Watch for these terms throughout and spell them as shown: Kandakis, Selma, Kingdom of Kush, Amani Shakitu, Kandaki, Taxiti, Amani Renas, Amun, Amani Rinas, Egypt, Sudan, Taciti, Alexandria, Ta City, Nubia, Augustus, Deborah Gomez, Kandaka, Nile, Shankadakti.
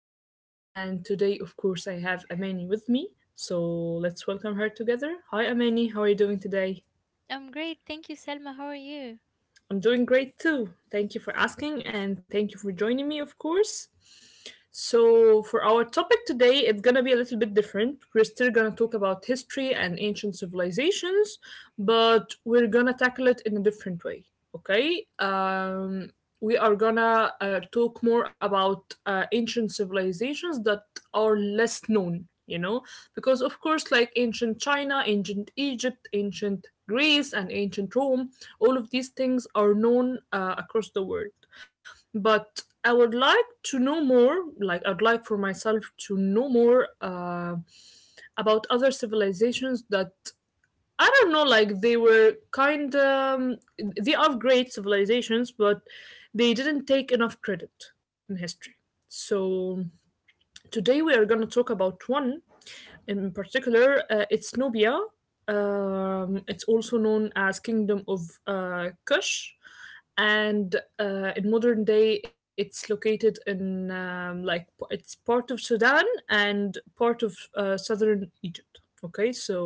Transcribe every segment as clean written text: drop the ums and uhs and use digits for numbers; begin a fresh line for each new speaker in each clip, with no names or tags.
Salma, and today, of course, I have Amani with me. So let's welcome her together. Hi, Amani. How are you doing today?
I'm great. Thank you, Selma. How are you?
I'm doing great too. Thank you for asking and thank you for joining me, of course. So, for our topic today, it's gonna be a little bit different. We're still gonna talk about history and ancient civilizations, but we're gonna tackle it in a different way, okay? We are gonna talk more about ancient civilizations that are less known because of course, like ancient China, ancient Egypt, ancient Greece, and ancient Rome, all of these things are known across the world. But I would like to know more. Like I'd like for myself to know more about other civilizations that I don't know. Like they were kind, they are great civilizations, but they didn't take enough credit in history. So today we are going to talk about one in particular. It's Nubia. It's also known as Kingdom of Kush, and in modern day, it's located in like it's part of Sudan and part of southern Egypt. Okay, so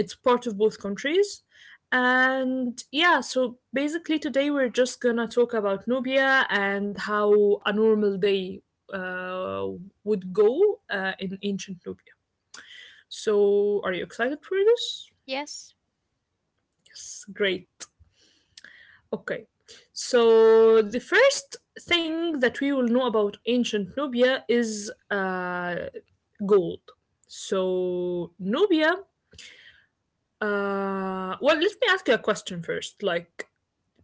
it's part of both countries. And yeah, so basically today we're just gonna talk about Nubia and how a normal day uh, would go in ancient Nubia. So are you excited for this?
Yes,
Yes, great. Okay. So the first thing that we will know about ancient Nubia is gold. So Nubia, well, let me ask you a question first. Like,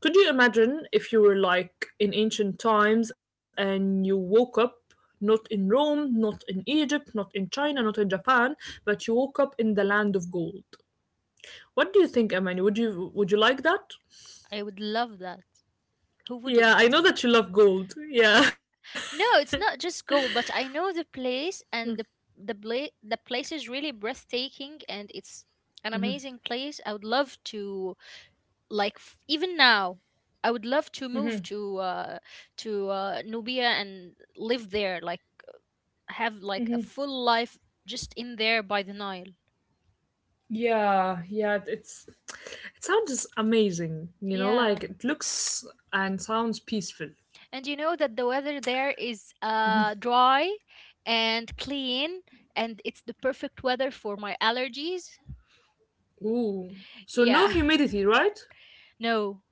could you imagine if you were like in ancient times and you woke up not in Rome, not in Egypt, not in China, not in Japan, but you woke up in the land of gold? What do you think, Amani? Would you like that?
I would love that. Who
Yeah, I
wouldn't?
know that you love gold. Yeah.
No, it's not just Goa, but I know the place and the the place is really breathtaking, and it's an amazing place. I would love to, like, even now I would love to move to Nubia and live there, like, have like a full life just in there by the Nile.
Yeah, yeah, it sounds amazing, you know,
Yeah.
like it looks and sounds peaceful.
And you know that the weather there is dry and clean, and it's the perfect weather for my allergies.
Ooh. So no
Yeah,
humidity, right?
no.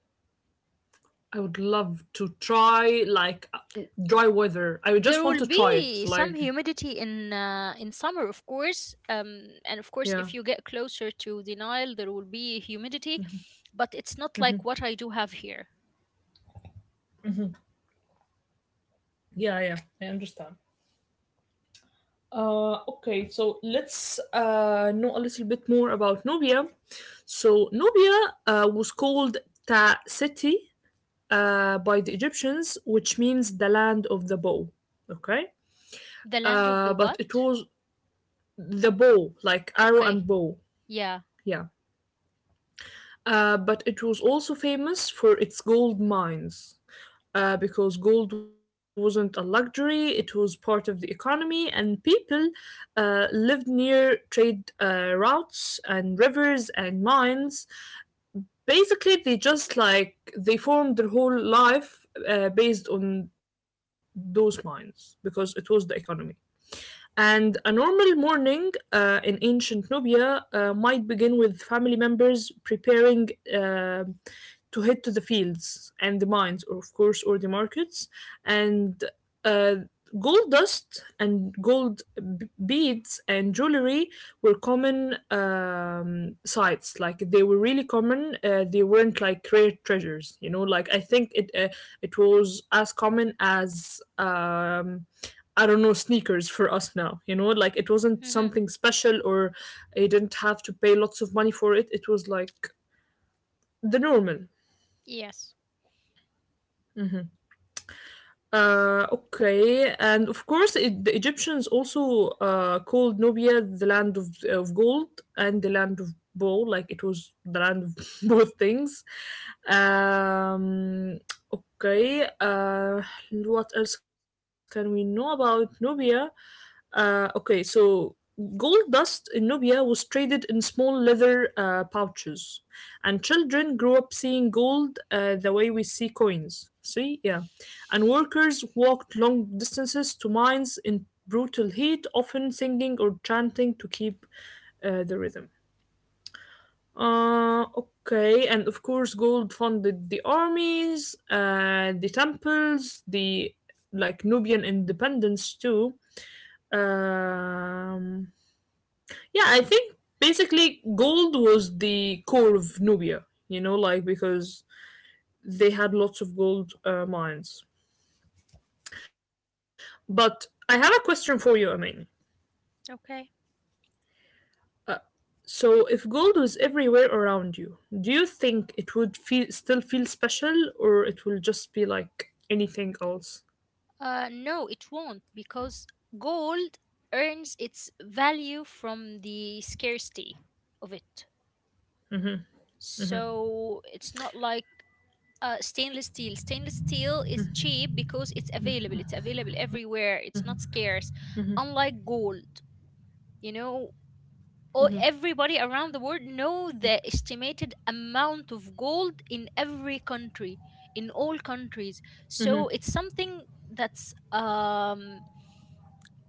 I would love to try like dry weather. I would just
There
want
will
to try it.
be some
Like,
humidity in summer, of course, and of course,
yeah,
if you get closer to the Nile, there will be humidity, but it's not like what I do have here.
yeah, yeah. I understand. Okay, so let's know a little bit more about Nubia. So Nubia was called Ta City by the Egyptians, which means the land of the bow. Okay,
The land of the
but it
what?
was the bow, like arrow
Okay,
and bow.
yeah.
Yeah, but it was also famous for its gold mines. Uh, because gold wasn't a luxury, it was part of the economy, and people lived near trade routes and rivers and mines. Basically, they just like they formed their whole life based on those mines because it was the economy. And a normal morning in ancient Nubia might begin with family members preparing to head to the fields and the mines, or of course, or the markets. And uh, gold dust and gold beads and jewelry were common sights. Like they were really common. They weren't like rare treasures, you know. Like I think it it was as common as. I don't know, sneakers for us now. You know, like it wasn't
Hmm.
something special, or I didn't have to pay lots of money for it. It was like the normal.
Yes,
Mhm. Okay, and of course, the Egyptians also called Nubia the land of gold and the land of bow, like it was the land of both things. Um, okay, what else can we know about Nubia? Okay, so gold dust in Nubia was traded in small leather pouches, and children grew up seeing gold the way we see coins. See, yeah, and workers walked long distances to mines in brutal heat, often singing or chanting to keep the rhythm. Okay, and of course, gold funded the armies, the temples, the like Nubian independence too, um, yeah, I think basically gold was the core of Nubia, you know, like because they had lots of gold mines. But I have a question for you, Amin.
okay.
Uh, so, if gold was everywhere around you, do you think it would feel still feel special, or it will just be like anything else?
No, it won't, because gold earns its value from the scarcity of it. So it's not like stainless steel. Stainless steel is cheap because it's available. It's available everywhere. It's not scarce, unlike gold. You know,
Mm-hmm.
oh, everybody around the world know the estimated amount of gold in every country, in all countries.
Mm-hmm.
So it's something that's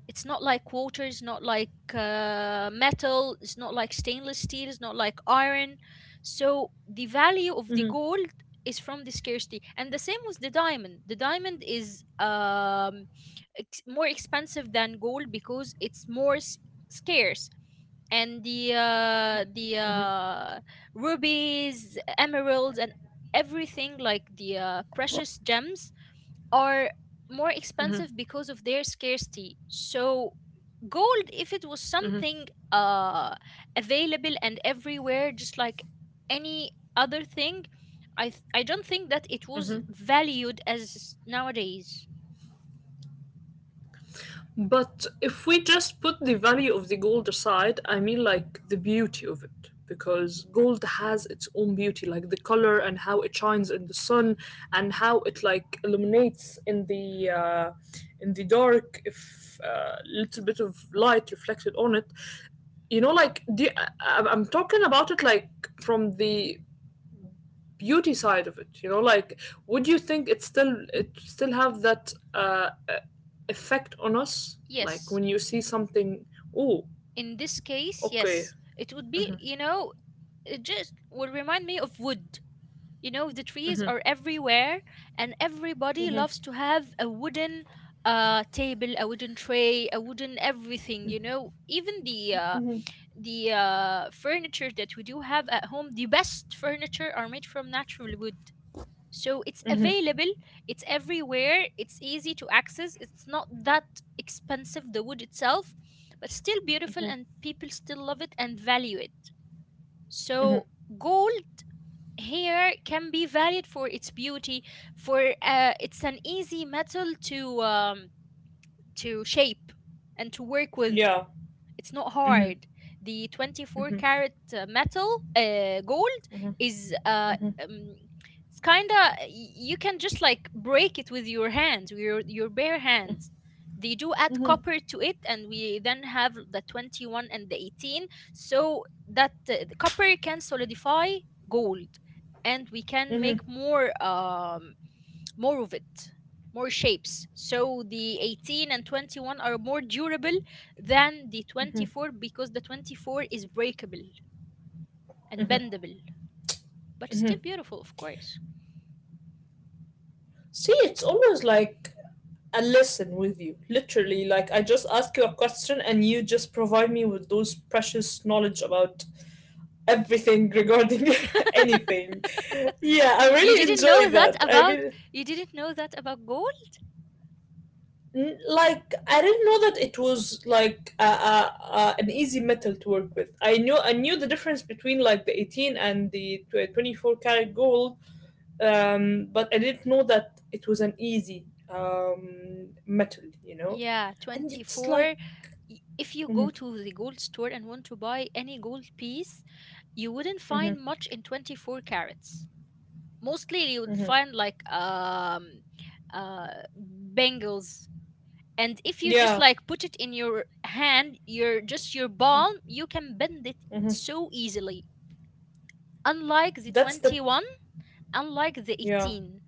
it's not like water, it's not like metal, it's not like stainless steel, it's not like iron. So the value of the gold is from the scarcity, and the same with the diamond. The diamond is more expensive than gold because it's more scarce. And the rubies, emeralds, and everything like the precious gems are more expensive because of their scarcity. So gold, if it was something uh, available and everywhere, just like any other thing, I don't think that it was valued as nowadays.
But if we just put the value of the gold aside, I mean like the beauty of it, because gold has its own beauty, like the color and how it shines in the sun and how it like illuminates in the dark if a little bit of light reflected on it. You know, like I'm talking about it like from the beauty side of it, you know, like would you think it still have that effect on us, like
Yes,
when you see something. Oh,
in this case,
okay.
yes, it would be. You know, it just would remind me of wood. You know, the trees are everywhere, and everybody loves to have a wooden table, a wooden tray, a wooden everything. You know, even the furniture that we do have at home, the best furniture are made from natural wood. So it's
Hmm.
available, it's everywhere, it's easy to access. It's not that expensive, the wood itself, but still beautiful,
Hmm.
and people still love it and value it.
Hmm.
So gold hair can be valued for its beauty, for it's an easy metal to shape and to work with.
Yeah.
It's not
Hmm.
hard. The
Hmm.
24
Hmm.
karat metal gold is,
Hmm.
um, it's kind of, you can just like break it with your hands, with your bare hands. They do add
Hmm.
copper to it, and we then have the 21 and the 18, so that the copper can solidify gold, and we can make
Hmm.
more. More of it, more shapes. So the 18 and 21 are more durable than the 24, because the 24 is breakable and bendable, but still beautiful, of course.
See, it's always like a lesson with you, literally, like I just ask you a question and you just provide me with those precious knowledge about everything regarding anything. Yeah, I
You
really
didn't
enjoy
know that
that. I
about
really
you didn't know that about gold?
Like I didn't know that it was like an easy metal to work with. I knew the difference between like the 18 and the 24 karat gold, but I didn't know that it was an easy metal, you know.
Yeah,
And it's like,
24. If you
hmm.
go to the gold store and want to buy any gold piece, you wouldn't find
Hmm.
much in 24 carats. Mostly you would
Hmm.
find like bangles. And if you just
Yeah.
like put it in your hand, your just your palm, you can bend it
Hmm.
so easily, unlike the
That's the
21, unlike the
yeah.
18,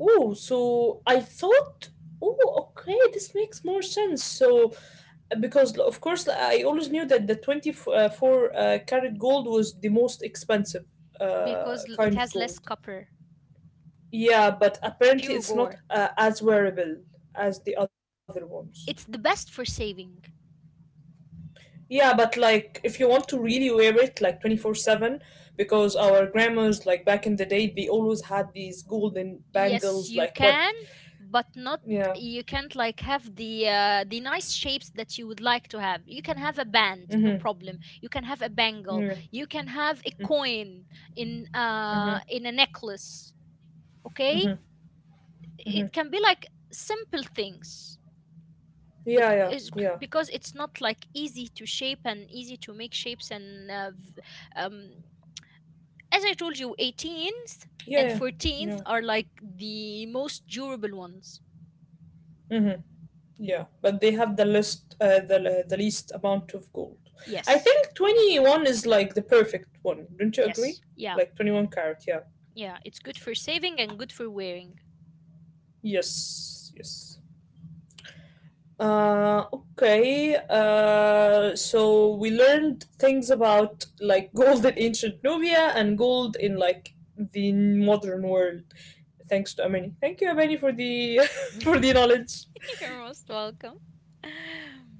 Oh, so I thought. Oh, okay, this makes more sense. So because of course I always knew that the 24 carat gold was the most expensive
because it
kind of
has less
gold.
copper.
Yeah, but
It's
apparently
pure
it's not
gore.
as wearable as the other ones.
It's the best for saving.
Yeah, but like if you want to really wear it like 24/7, because our grandmas, like back in the day, they always had these golden
Yes,
bangles
you
like what.
can, but not,
Yeah.
you can't like have the nice shapes that you would like to have. You can have a band, no
Mhm.
problem. You can have a bangle.
Yeah.
You can have a coin in uh
Mhm.
in a necklace. Okay?
Mhm. Mhm.
It can be like simple things.
Yeah,
But
yeah.
is,
Yeah.
because it's not like easy to shape and easy to make shapes, and um, as I told you, 18th
Yeah,
and
yeah. Yeah.
14th are like the most durable ones.
Mhm. Yeah, but they have the list, the least amount of gold. I
Yes.
think 21 is like the perfect one. Don't you
Yes.
agree?
Yeah.
Like 21 carat. Yeah.
Yeah. It's good for saving and good for wearing.
Yes. Yes. Okay. So we learned things about like gold in ancient Nubia and gold in like the modern world, thanks to Amini. Thank you, Amini, for the for the knowledge.
You're most welcome.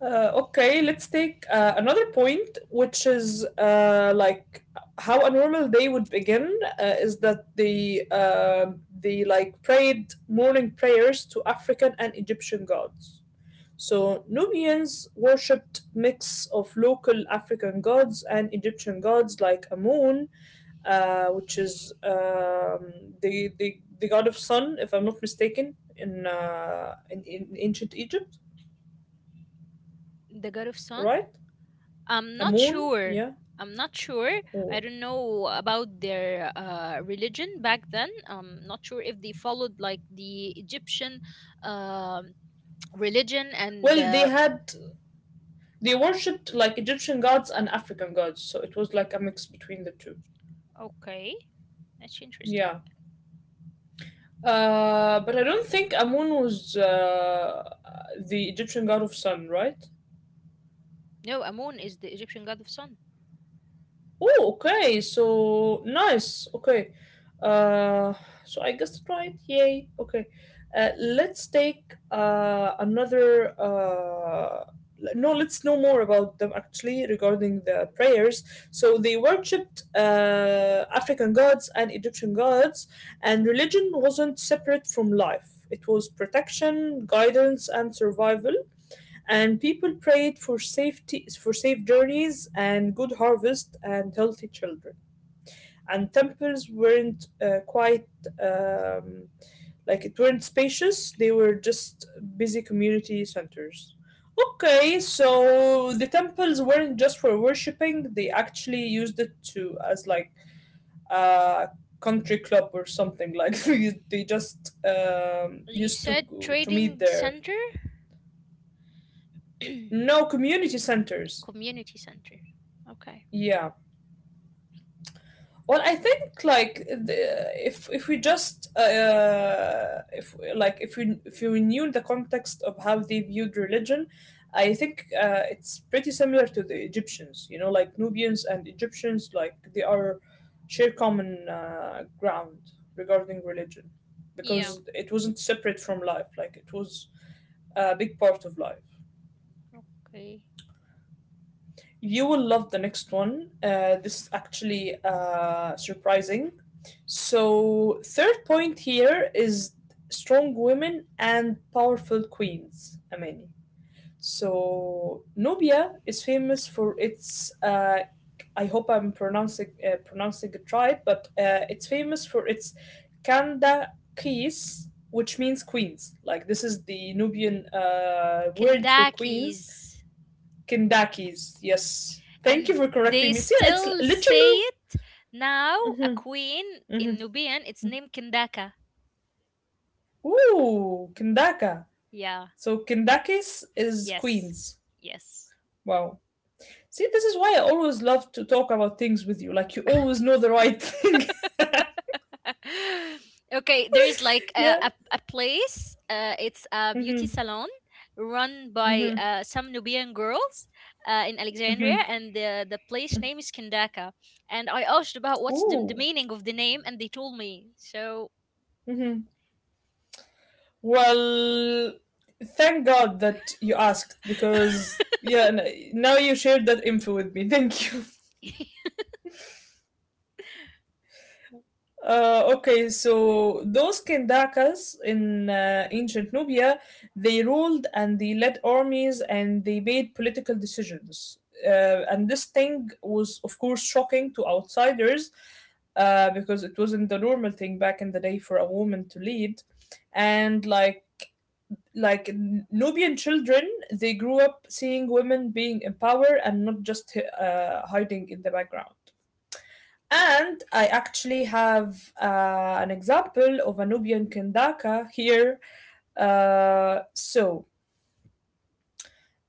Okay, let's take another point, which is like how a normal day would begin is that the they like prayed morning prayers to African and Egyptian gods. So Nubians worshipped mix of local African gods and Egyptian gods like Amun, which is the god of sun, if I'm not mistaken, in in ancient Egypt,
The God of Sun?
right?
I'm
A
not
moon,
sure.
yeah.
I'm not sure.
Oh.
I don't know about their religion back then. I'm not sure if they followed like the Egyptian um religion and.
Well, they had they worshipped like Egyptian gods and African gods, so it was like a mix between the two.
Okay. That's
Yeah.
interesting.
Uh, but I don't think Amun was the Egyptian god of sun, right?
No, Amun is the Egyptian god of sun.
Oh, okay. So nice. Okay. Uh, so I guessed it right. Yay. Okay. Let's take another. No, let's know more about them actually regarding the prayers. So they worshipped African gods and Egyptian gods, and religion wasn't separate from life. It was protection, guidance, and survival, and people prayed for safety, for safe journeys and good harvest and healthy children. And temples weren't quite um, like it weren't spacious. They were just busy community centers. Okay, so the temples weren't just for worshipping. They actually used it to, as like a country club or something, like they just
You
used
said
to meet
trading
there.
center?
No, community centers.
Community center. Okay.
Yeah. Well, I think like if we just if like if we if you knew the context of how they viewed religion, I think it's pretty similar to the Egyptians. You know, like Nubians and Egyptians, like they are share common ground regarding religion,
Yeah.
because it wasn't separate from life. Like it was a big part of life.
Okay.
You will love the next one. This is actually surprising. So, third point here is strong women and powerful queens, Amani. So, Nubia is famous for its. I hope I'm pronouncing it right, but it's famous for its Kanda Kis, which means queens. Like this is the Nubian word for
Kandakis.
queens. Kindakis, yes. Thank you
And
for correcting
they
me. See, it's
still say
literally.
it now. A
Mm-hmm,
queen in
mm-hmm.
Nubian, it's named Kandaka.
Ooh, Kindaka.
Yeah.
So Kindakis is
Yes.
Queens.
Yes.
Wow. See, this is why I always love to talk about things with you. Like you always know the right thing.
Okay, there's like a,
Yeah.
a, a place, it's a beauty
Mm-hmm.
salon run by
Mm-hmm.
some Nubian girls in Alexandria,
Mm-hmm.
and the place name is Kandaka. And I asked about what's the
Ooh.
meaning of the name, and they told me. So
Mm-hmm. Well, thank God that you asked, because yeah, now you shared that info with me. Thank you. Okay, so those Kendakas in ancient Nubia, they ruled and they led armies and they made political decisions. And this thing was, of course, shocking to outsiders because it wasn't the normal thing back in the day for a woman to lead. And like Nubian children, they grew up seeing women being in power and not just hiding in the background. And I actually have an example of a Nubian kendaka here. Uh, so,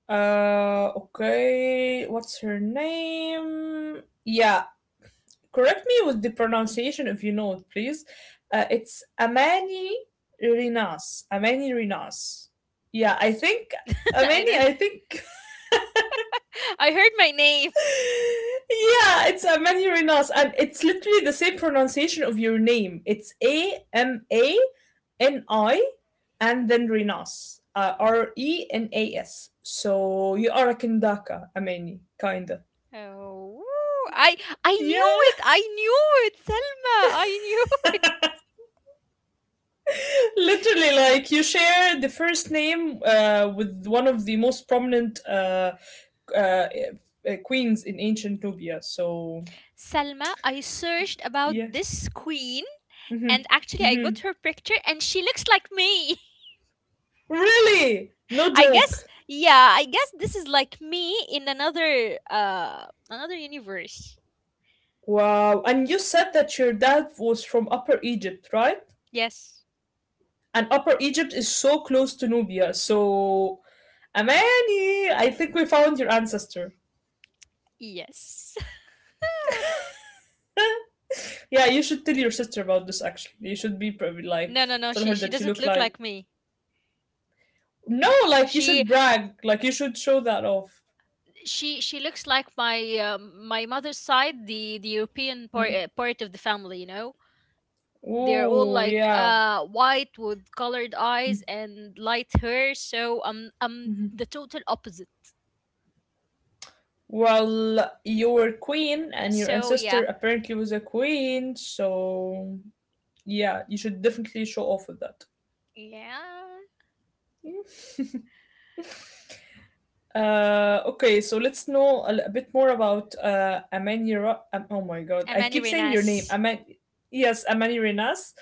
okay, what's her name? Yeah, correct me with the pronunciation if you know it, please. It's Amani Rinas. Amani Rinas. Yeah, I think
I,
Amani.
don't,
I think
I heard my name.
yeah, it's Amani Renas, and it's literally the same pronunciation of your name. It's Amani, and then Renas, Renas. So you are a Kendaka, Amani, kinda.
Oh, I, I knew
Yeah,
it. I knew it, Selma. I knew it.
literally, like you share the first name with one of the most prominent uh, uh, queens in ancient Nubia. So
Salma, I searched
yeah,
about this queen,
hmm
and actually I got
hmm
her picture, and she looks like me.
really, no
I guess,
joke.
yeah, I guess this is like me in another universe.
Wow. And you said that your dad was from Upper Egypt, right?
Yes.
And Upper Egypt is so close to Nubia. So, Amani, I think we found your ancestor.
Yes.
Yeah, you should tell your sister about this actually. You should be probably like
No, no, no,
tell
she
her
she
that you
doesn't
look
look
like.
like me.
No, like you
She
should brag. Like you should show that off.
she looks like my mother's side, the European part, part of the family, you know. They're all
Ooh,
like
yeah.
white with colored eyes and light hair, so I'm the total opposite.
Well, you were queen and your
So
ancestor
yeah,
apparently was a queen, so yeah, you should definitely show off with that.
yeah.
Okay, so let's know a, bit more about Amani. Oh my God, I
Amani
keep saying your name.
Renas.
Amani. Yes, Amani Renas.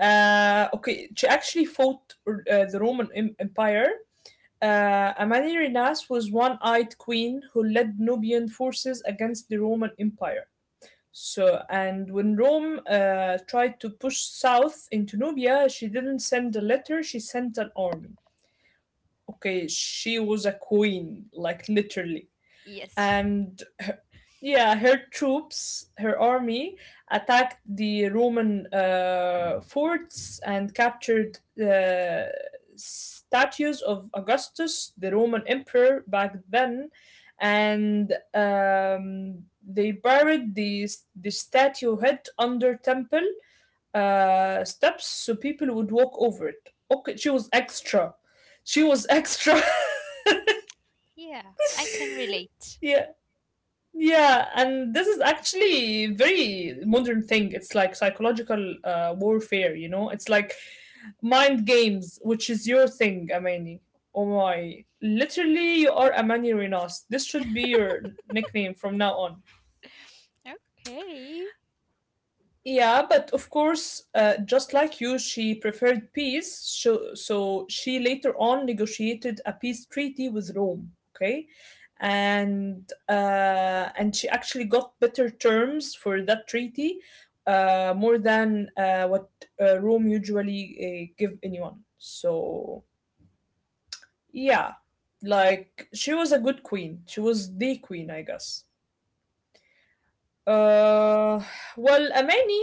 Okay, she actually fought the Roman Empire. Amani Renas was one-eyed queen who led Nubian forces against the Roman Empire. So, and when Rome tried to push south into Nubia, she didn't send a letter. She sent an army. Okay, she was a queen, like literally
Yes.
and her, yeah, her troops, her army attacked the Roman forts and captured statues of Augustus, the Roman emperor back then, and they buried the statue head under temple steps so people would walk over it. Okay, she was extra. She was extra.
Yeah, I can relate.
yeah. Yeah, and this is actually very modern thing. It's like psychological warfare, you know? It's like mind games, which is your thing, Amani. Oh my. Literally, you are Amani Renas. This should be your nickname from now on.
Okay.
Yeah, but of course, just like you, she preferred peace. So, so she later on negotiated a peace treaty with Rome. Okay, and and she actually got better terms for that treaty, more than what Rome usually give anyone. So yeah, like she was a good queen. She was the queen, I guess. Uh, well, Amani,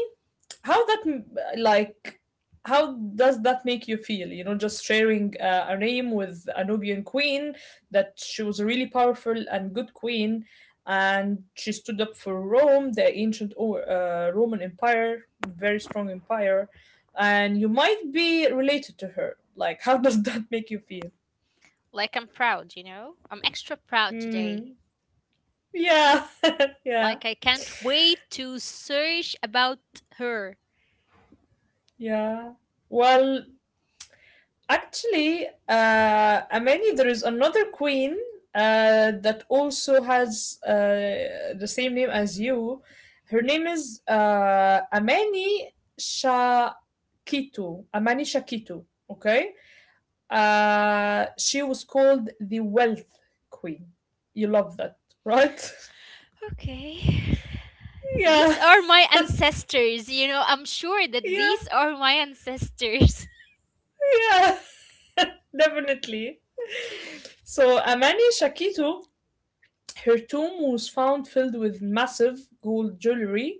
how that m- like how does that make you feel? You know, just sharing a name with a Nubian queen that she was a really powerful and good queen, and she stood up for Rome, the ancient Roman Empire, very strong empire, and you might be related to her. Like, how does that make you feel?
Like I'm proud, you know? I'm extra proud today.
Hmm. Yeah, yeah,
Like I can't wait to search about her.
yeah. Well, actually, Amani, there is another queen that also has the same name as you. Her name is Amani Shakitu. Amani Shakitu. Okay. She was called the Wealth Queen. You love that, right?
Okay.
yeah,
These are my ancestors, you know? I'm sure that
yeah,
these are my ancestors.
yeah. Definitely. So Amani Shakitu, her tomb was found filled with massive gold jewelry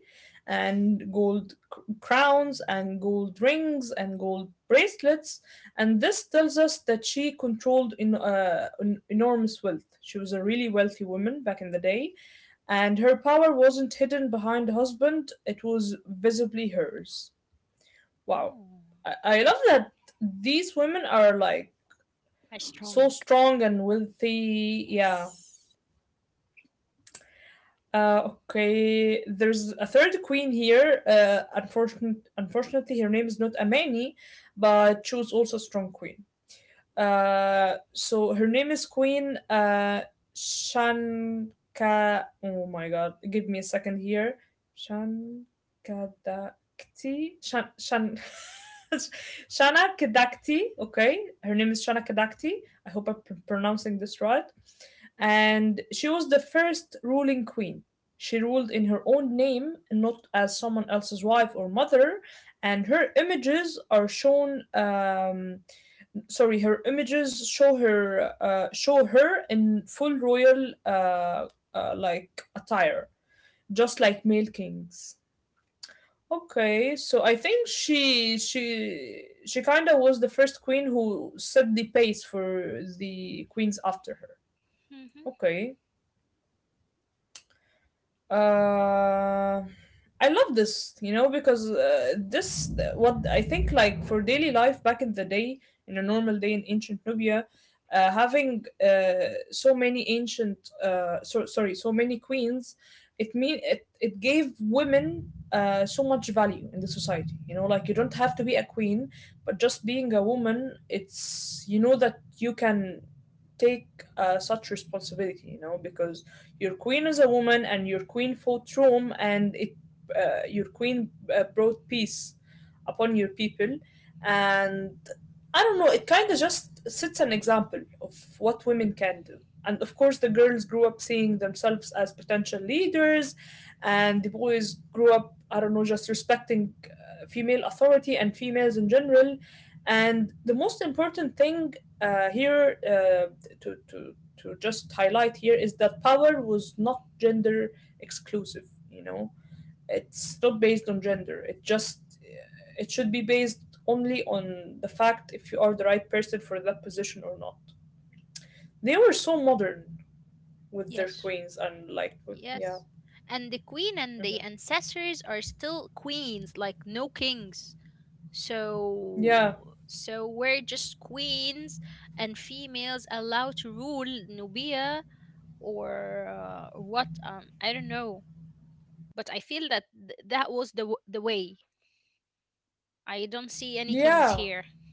and gold crowns and gold rings and gold bracelets. And this tells us that she controlled in, enormous wealth. She was a really wealthy woman back in the day, and her power wasn't hidden behind a husband, it was visibly hers. Wow. I love that these women are like
Are
so
strong.
strong and wealthy. Yeah.
Yes.
Okay, there's a third queen here. Unfortunately, her name is not Amani, but she was also a strong queen. So her name is Queen Shanka. Oh my god, give me a second here. Shankadakti. Shan, Shan, Shana Kadakti. Okay, her name is Shana Kadakti. I hope I'm pronouncing this right. And she was the first ruling queen. She ruled in her own name, not as someone else's wife or mother, and her images show her in full royal like attire, just like male kings. Okay, so I think she kind of was the first queen who set the pace for the queens after her.
Mm-hmm.
Okay. uh, I love this, you know, because this what I think like for daily life back in the day, in a normal day in ancient Nubia, having so many ancient, so, sorry, so many queens, it mean it it gave women so much value in the society. You know, like you don't have to be a queen, but just being a woman, it's you know that you can take such responsibility. You know, because your queen is a woman and your queen fought Rome and it your queen brought peace upon your people, and I don't know, it kind of just sets an example of what women can do. And of course the girls grew up seeing themselves as potential leaders, and the boys grew up, I don't know, just respecting female authority and females in general. And the most important thing here to just highlight here is that power was not gender exclusive, you know. It's not based on gender, it just, it should be based only on the fact if you are the right person for that position or not. They were so modern with their
Yes.
queens, and like with,
Yes.
yeah.
And the queen and the
Hmm,
ancestors are still queens, like no kings. So,
yeah,
so we're just queens, and females allowed to rule Nubia, or what I don't know, but I feel that that was the way. I don't see any kings here.
yeah.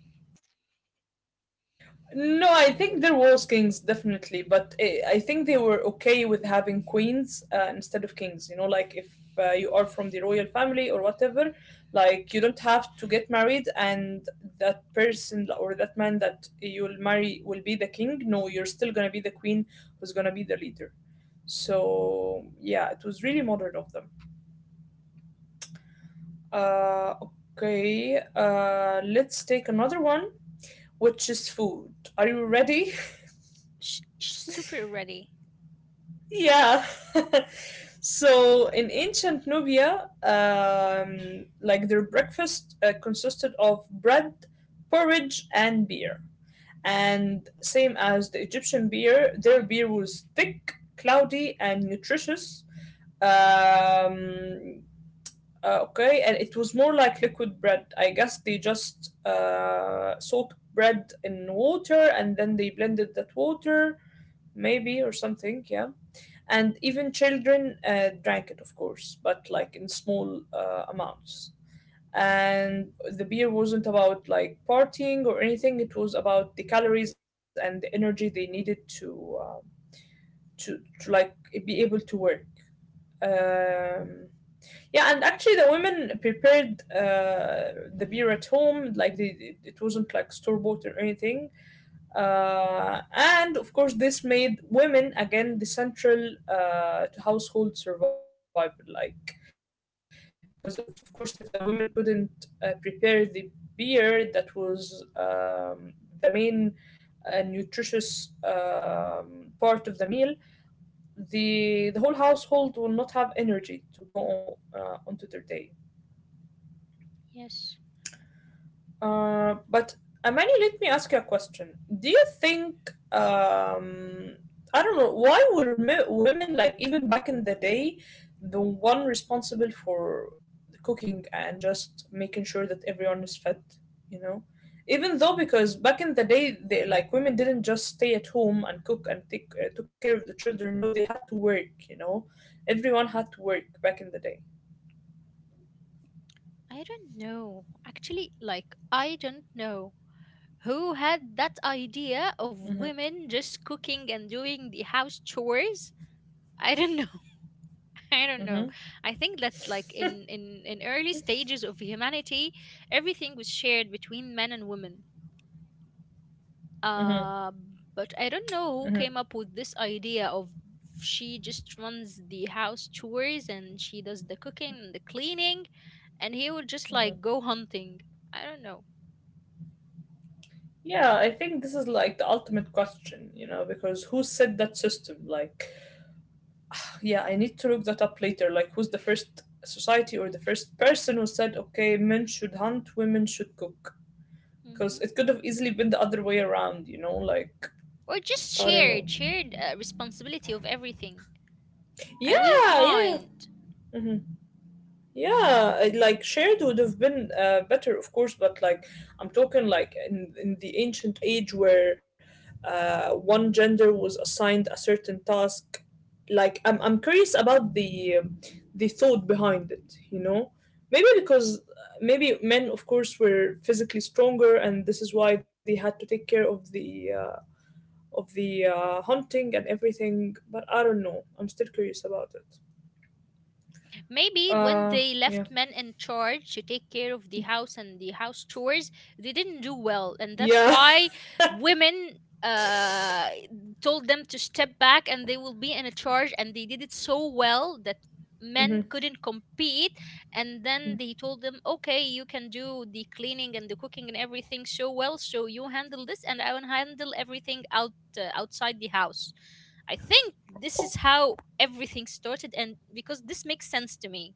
No, I think there was kings definitely, but I think they were okay with having queens instead of kings. You know, like if you are from the royal family or whatever, like you don't have to get married, and that person or that man that you'll marry will be the king. No, you're still gonna be the queen who's gonna be the leader. So yeah, it was really modern of them. Uh, okay, let's take another one, which is food. Are you ready?
Super ready.
Yeah. So in ancient Nubia, like their breakfast consisted of bread, porridge, and beer. And same as the Egyptian beer, their
Hmm.
beer was thick, cloudy, and nutritious. Um, okay, and it was more like liquid bread. I guess they just soaked bread in water and then they blended that water, maybe, or something. Yeah, and even children drank it of course, but like in small amounts. And the beer wasn't about like partying or anything, it was about the calories and the energy they needed to to like be able to work. um, yeah, and actually the women prepared the beer at home, like they, it wasn't like store bought or anything. And of course, this made women again the central to household survival. Like, because of course, if the women couldn't prepare the beer, that was the main nutritious part of the meal. The whole household will not have energy to go onto their day.
Yes.
But Amani, let me ask you a question. Do you think um, I don't know, why were women like even back in the day the one responsible for cooking and just making sure that everyone is fed? You know, even though because back in the day they like women didn't just stay at home and cook and take took care of the children. No, they had to work. You know, everyone had to work back in the day.
I don't know. Actually, like I don't know who had that idea
Mm-hmm.
of women just cooking and doing the house chores. I don't know.
Mm-hmm.
I don't know. I think that, like, in early stages of humanity, everything was shared between men and women,
Mm-hmm.
uh but I don't know who
Mm-hmm.
came up with this idea of, she just runs the house chores, and she does the cooking and the cleaning, and he would just like
Mm-hmm.
go hunting. I don't know.
Yeah, I think this is like the ultimate question, you know, because who set that system? Like, yeah, I need to look that up later. Like, who's the first society or the first person who said, okay, men should hunt, women should cook? Because
Hmm.
it could have easily been the other way around, you know, like,
Or just
I don't know.
shared responsibility of everything. I wouldn't
Yeah, yeah.
mind.
Mhm. Yeah, like shared would have been better, of course, but like I'm talking like in the ancient age where one gender was assigned a certain task. Like I'm curious about the thought behind it, you know? Maybe because maybe men, of course, were physically stronger, and this is why they had to take care of the hunting and everything. But I don't know. I'm still curious about it.
Maybe when
Uh,
they
yeah,
left men in charge to take care of the house and the house chores, they didn't do well, and that's
yeah.
why women uh told them to step back, and they will be in a charge, and they did it so well that
Mhm.
men couldn't compete. And then they told them, okay, you can do the cleaning and the cooking and everything so well, so you handle this, and I will handle everything out, outside the house. I think this is how everything started, and because this makes sense to me.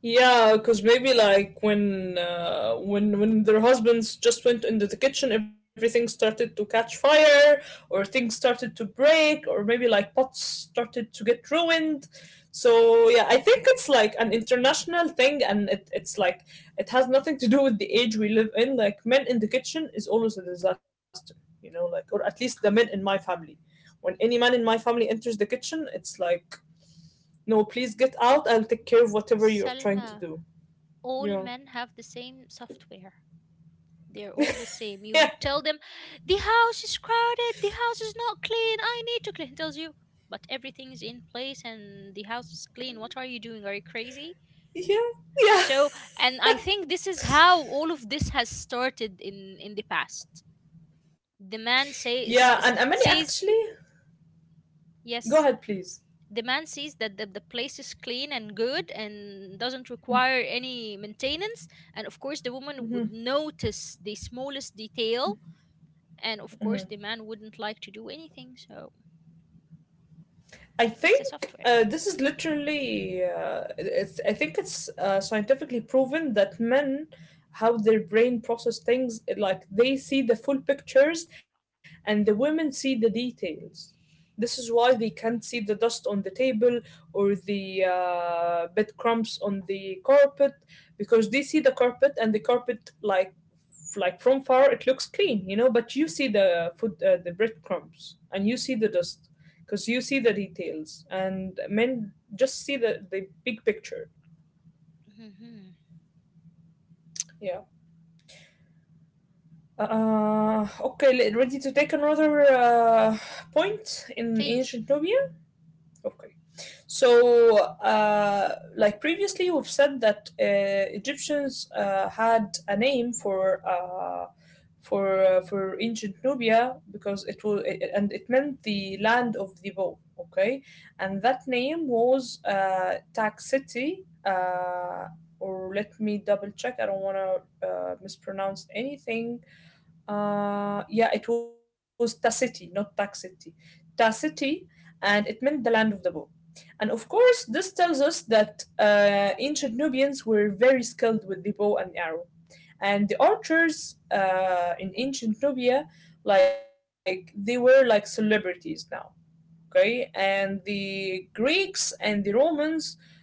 Yeah, because maybe like when when their husbands just went into the kitchen, everything started to catch fire, or things started to break, or maybe like pots started to get ruined. So yeah, I think it's like an international thing, and it's like it has nothing to do with the age we live in. Like men in the kitchen is always a disaster, like, or at least the men in my family. When any man in my family enters the kitchen, it's like, no, please get out. I'll take care of whatever you're trying to
Salma,
do.
all
Yeah.
men have the same software. They're all the same. You would tell them, the house is crowded, the house is not clean, I need to clean. It tells you, but everything is in place and the house is clean. What are you doing? Are you crazy?
Yeah. Yeah. Yeah.
So, and I think this is how all of this has started in the past. The man says
Yeah. And Amani
says
actually, go
yes.
ahead, please.
The man sees that the place is clean and good and doesn't require any maintenance, and of course the woman would
Hmm.
notice the smallest detail, and of course
Hmm.
the man wouldn't like to do anything. So
I
it's a
think
software.
this is literally. It's. I think it's scientifically proven that men, how their brain process things, like they see the full pictures, and the women see the details. This is why they can't see the dust on the table or the breadcrumbs on the carpet because they see the carpet, and the carpet like like from far it looks clean, you know. But you see the food, the breadcrumbs, and you see the dust because you see the details, and men just see the big picture.
Hmm.
Yeah. Okay. ready to take another point in
Please.
ancient Nubia. Okay. So, like previously, we've said that Egyptians had a name for for ancient Nubia because it was, and it meant the land of the bow. Okay, and that name was Taxiti. Or let me double check. I don't want to mispronounce anything. Yeah, it was Taciti, not Taxiti. Taciti, and it meant the land of the bow. And of course, this tells us that ancient Nubians were very skilled with the bow and arrow. And the archers in ancient Nubia, like, they were like celebrities now. Okay. And the Greeks and the Romans,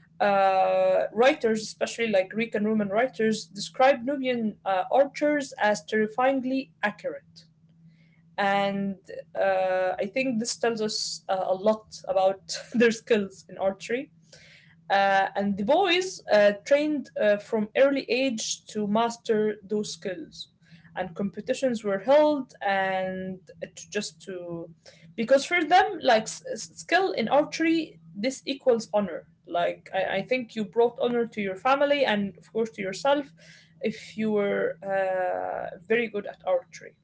writers, especially like Greek and Roman writers, described Nubian archers as terrifyingly accurate. And I think this tells us a lot about their skills in archery. And the boys trained from early age to master those skills. And competitions were held, and it just to, because for them, like skill in archery, this equals honor. Like, I think you brought honor to your family and, of course, to yourself if you were very good at archery,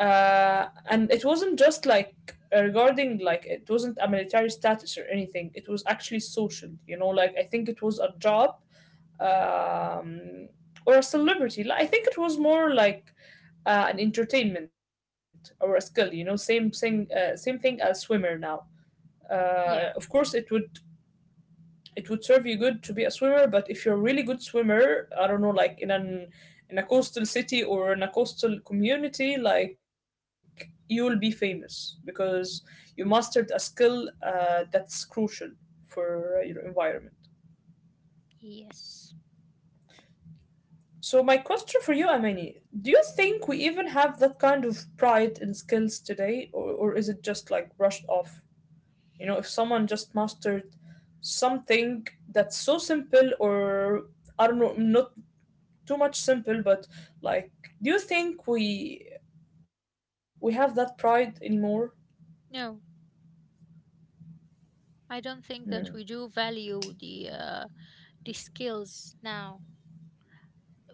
and it wasn't just like regarding, like it wasn't a military status or anything, it was actually social, you know, like I think it was a job, um, or a celebrity. Like, I think it was more like an entertainment or a skill, you know, same thing, same thing as swimmer now. Of
Yeah.
course it would, it would serve you good to be a swimmer, but if you're a really good swimmer, I don't know, like in a coastal city or in a coastal community, like you will be famous because you mastered a skill that's crucial for your environment.
Yes.
So my question for you, Amani, do you think we even have that kind of pride in skills today, or is it just like brushed off, you know, if someone just mastered something that's so simple, or I don't know, not too much simple, but like, do you think we have that pride anymore?
No, I don't think that we
Mm-hmm.
do value the skills now.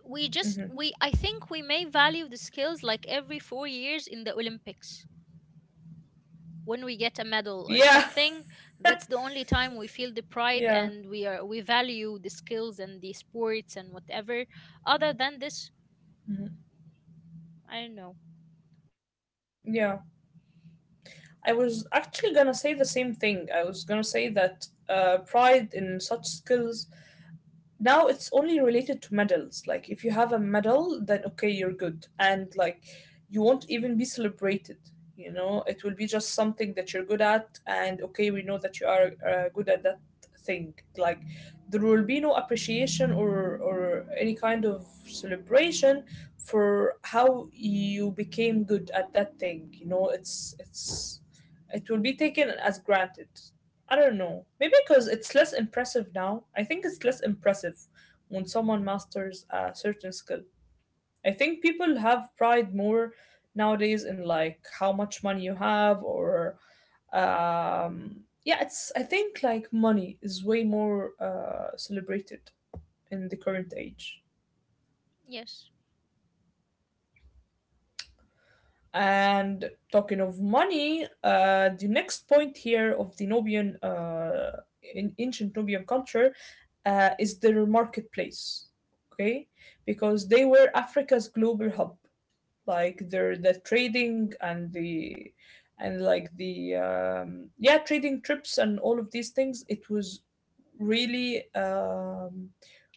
We just we I think we may value the skills like every 4 years in the Olympics, when we get a medal or
Yeah,
something. That's the only time we feel the pride,
yeah.
and we are, we value the skills and the sports and whatever. Other than this,
Mhm.
I don't know.
Yeah. I was actually gonna say the same thing. I was gonna say that pride in such skills now, it's only related to medals, like if you have a medal, then okay, you're good. And like, you won't even be celebrated, you know, it will be just something that you're good at, and okay, we know that you are good at that thing. Like, there will be no appreciation or any kind of celebration for how you became good at that thing, you know, it's it will be taken as granted. I don't know. Maybe because it's less impressive now. I think it's less impressive when someone masters a certain skill. I think people have pride more nowadays in like how much money you have, or yeah, it's, I think like money is way more celebrated in the current age.
Yes,
And talking of money, the next point here of the Nubian, in ancient Nubian culture, is their marketplace. Okay, because they were Africa's global hub. Like the trading and the, and like the yeah, trading trips and all of these things. It was really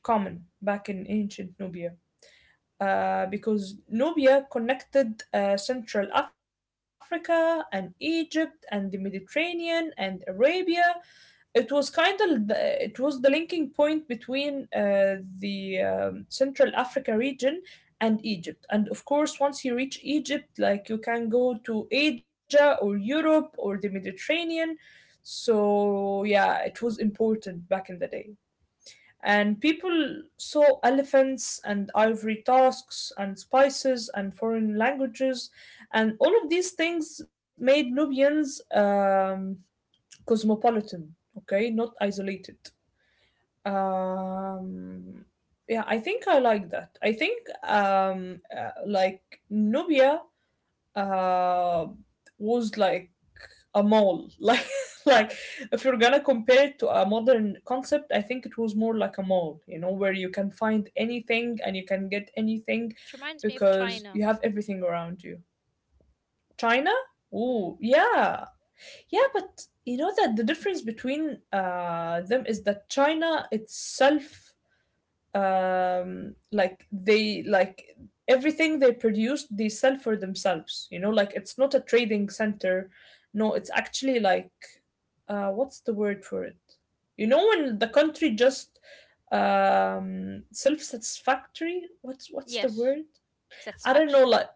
common back in ancient Nubia, because Nubia connected Central Africa and Egypt and the Mediterranean and Arabia. It was kind of the, it was the linking point between the Central Africa region and Egypt. And of course, once you reach Egypt, like you can go to Asia or Europe or the Mediterranean. So yeah, it was important back in the day. And people saw elephants and ivory tusks and spices and foreign languages, and all of these things made Nubians cosmopolitan, okay, not isolated. Um, yeah, I think I like that. I think like Nubia uh, was like a mall, like like if you're gonna compare it to a modern concept, I think it was more like a mall, you know, where you can find anything and you can get anything,
it reminds me of
because you
China.
have everything around you. China. Ooh,
Hmm.
yeah. Yeah, but you know that the difference between them is that China itself, like they everything they produce, they sell for themselves, you know, like it's not a trading center. No, it's actually like, what's the word for it, you know, when the country just, self-satisfactory, what's the
Yes,
word? I don't know,
satisfaction.
like,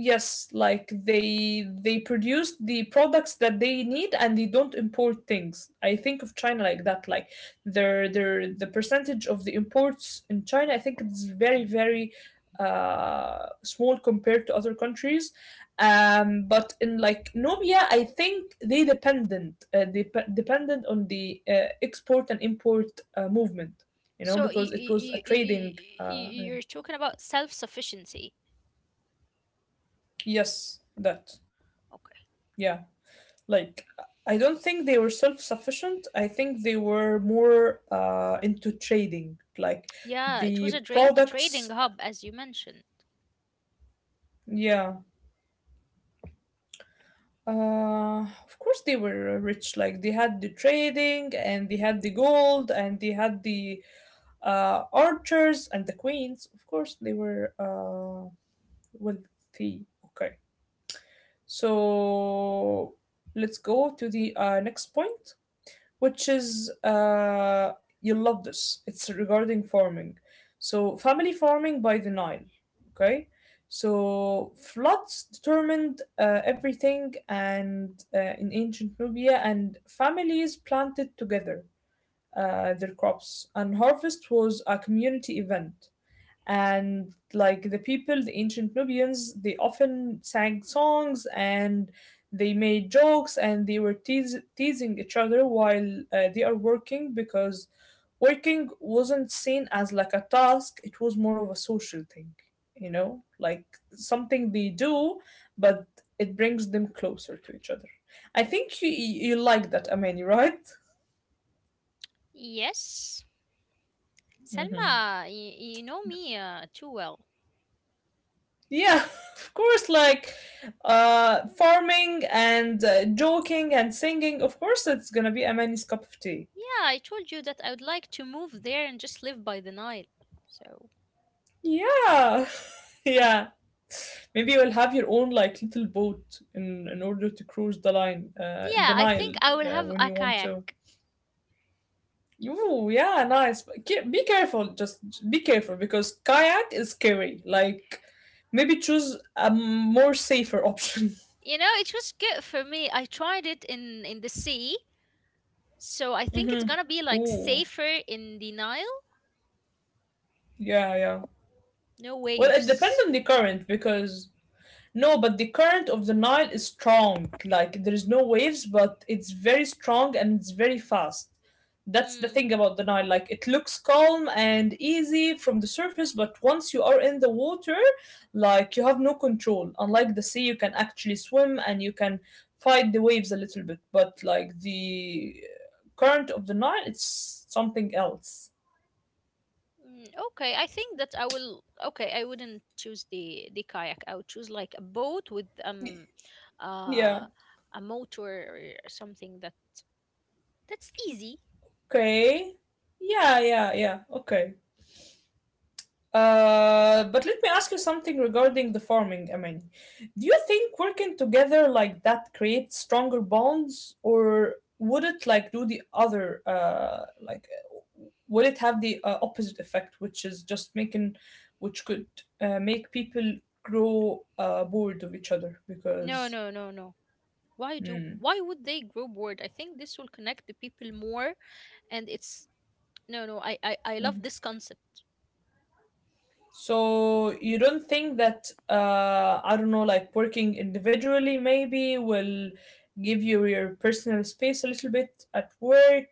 yes, like they produce the products that they need and they don't import things. I think of China like that. Like their the percentage of the imports in China, I think it's very very small compared to other countries. But in like Nubia, I think they dependent dependent on the export and import movement. You know,
So y-
because it
y-
was a
y- y- y-
trading.
y-
Yeah.
you're talking about self sufficiency.
Yes, that, yeah. Like, I don't think they were self sufficient. I think they were more into trading. Like,
Yeah, it
the
was a, a trading
products,
hub, as you mentioned.
yeah. Of course, they were rich. Like, they had the trading and they had the gold and they had the archers and the queens. Of course, they were wealthy. Okay. So, let's go to the next point, which is you'll love this. It's regarding farming. So, family farming by the Nile. Okay. So, floods determined everything, and in ancient Nubia, and families planted together their crops, and harvest was a community event, and like the people the ancient Nubians, they often sang songs, and they made jokes, and they were teasing each other while they are working, because working wasn't seen as like a task, it was more of a social thing, you know, like something they do, but it brings them closer to each other. I think you like that, Amani, right?
Yes, Selma, you know me too well.
Yeah, of course, like, farming and joking and singing. Of course, it's gonna be a man's cup of tea.
Yeah, I told you that I would like to move there and just live by the Nile. So,
Yeah, yeah. Maybe you'll have your own like little boat in order to cruise the line, the
yeah, I
Nile,
think I will have
when
a
you want
kayak.
to. Ooh, yeah, nice. But be careful, just be careful, because kayak is scary. Like, maybe choose a more safer option.
You know, it was good for me. I tried it in the sea, so I think it's
Mm-hmm.
gonna be like
Ooh,
safer in the Nile.
yeah, yeah.
No
Well, it depends
waves.
on the current, because no, but the current of the Nile is strong. Like there is no waves, but it's very strong and it's very fast. That's the
Hmm.
thing about the Nile. Like it looks calm and easy from the surface, but once you are in the water, like you have no control. Unlike the sea, you can actually swim and you can fight the waves a little bit. But like the current of the Nile, it's something else.
Mm, okay, I think that I will. Okay, I wouldn't choose the kayak. I would choose like a boat with uh,
Yeah.
a motor or something that's easy.
Okay. Yeah, yeah, yeah. Okay. But let me ask you something regarding the farming, I. Do you think working together like that creates stronger bonds, or would it like do the other, would it have the opposite effect, which is just making, which could make people grow bored of each other
No,
because.
no, no, no. Why do?
Mm.
Why would they grow bored? I think this will connect the people more, and it's no, no. I love this concept.
So you don't think that I don't know, like working individually maybe will give you your personal space a little bit at work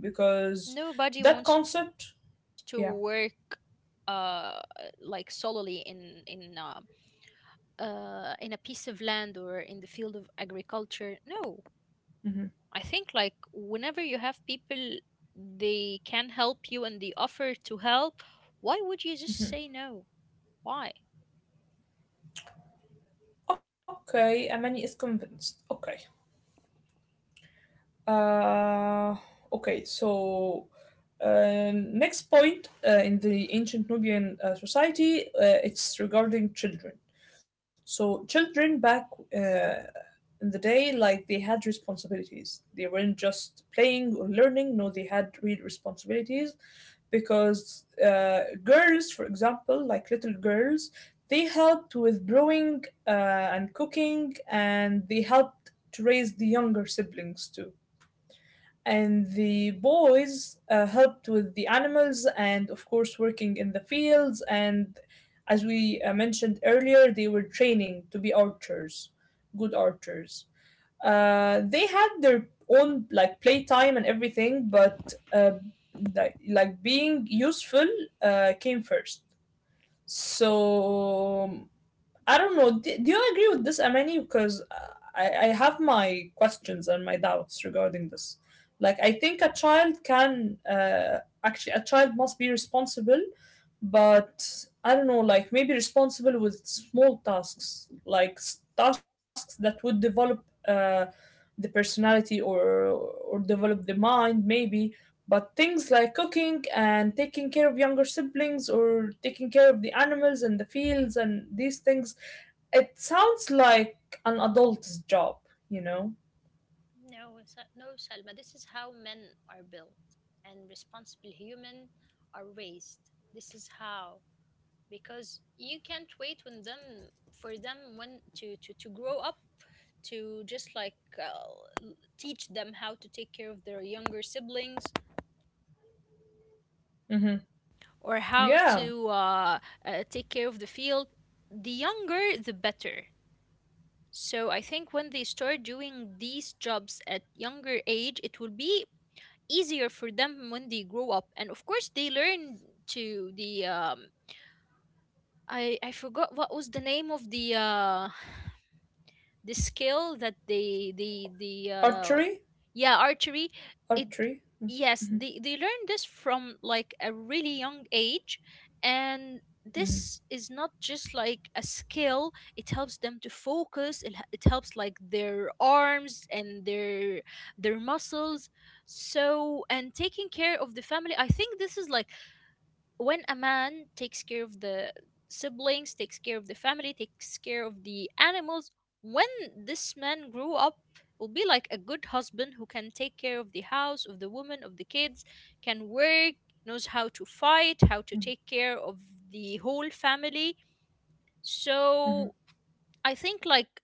because
Nobody
that
wants to
concept,
work
yeah.
uh like solely in a piece of land or in the field of agriculture. No,
Hmm.
I think like whenever you have people they can help you and they offer to help, why would you just
Hmm.
say no? Why?
Okay, Amani is convinced. Okay. Uh, okay, so next point in the ancient Nubian society, it's regarding children. So children back uh, in the day, like they had responsibilities. They weren't just playing or learning. No, they had real responsibilities because girls, for example, like little girls, they helped with brewing and cooking, and they helped to raise the younger siblings too. And the boys helped with the animals and, of course, working in the fields. And as we mentioned earlier, they were training to be archers, good archers. Uh, they had their own like playtime and everything, but uh, being useful came first. So I don't know. Do you agree with this, Amani? Because uh, I have my questions and my doubts regarding this. Like, I think a child can actually, a child must be responsible, but I don't know, like maybe responsible with small tasks, like tasks that would develop the personality, or develop the mind, maybe. But things like cooking and taking care of younger siblings or taking care of the animals and the fields and these things, it sounds like an adult's job, you know?
No, Salma. This is how men are built and responsible human are raised. This is how because you can't wait when them for them when to grow up to just teach them how to take care of their younger siblings
Hmm.
or how
Yeah,
to take care of the field, the younger the better. So I think when they start doing these jobs at younger age, it will be easier for them when they grow up. And of course, they learn to the I forgot what was the name of the skill that they. The
archery,
yeah, archery. it
archery. Mm-hmm.
yes they learn this from like a really young age, and
Mm-hmm.
this is not just like a skill, it helps them to focus, it helps like their arms and their muscles. So and taking care of the family, I think this is like when a man takes care of the siblings, takes care of the family, takes care of the animals, when this man grew up, will be like a good husband who can take care of the house, of the woman, of the kids, can work, knows how to fight, how to
Mm-hmm.
take care of the whole family.
Mm-hmm.
So I think like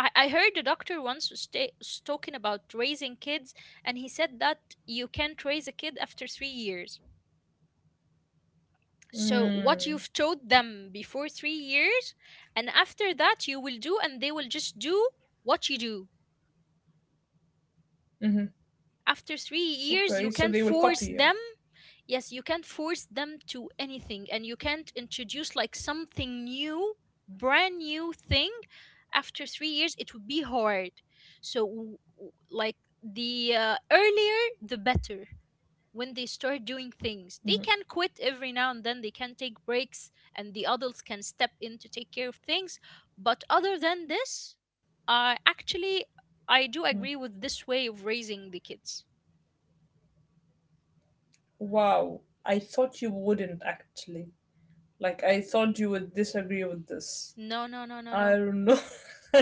I heard a doctor once was talking about raising kids, and he said that you can't raise a kid after 3 years. So what
Mm-hmm.
you've taught them before 3 years and after that you will do, and they will just do what you do.
Mm-hmm.
After three
Okay,
years
so
you
they
can't
will copy
force
you.
them. Yes, you can't force them to anything, and you can't introduce like something new, brand new thing, after 3 years. It would be hard. So like the earlier the better when they start doing things. They
Mhm,
can quit every now and then, they can take breaks, and the adults can step in to take care of things. But other than this, actually,
mm.
I do agree with this way of raising the kids.
Wow, I thought you wouldn't actually. Like, I thought you would disagree with this.
No, no, no, no,
I
no.
don't know.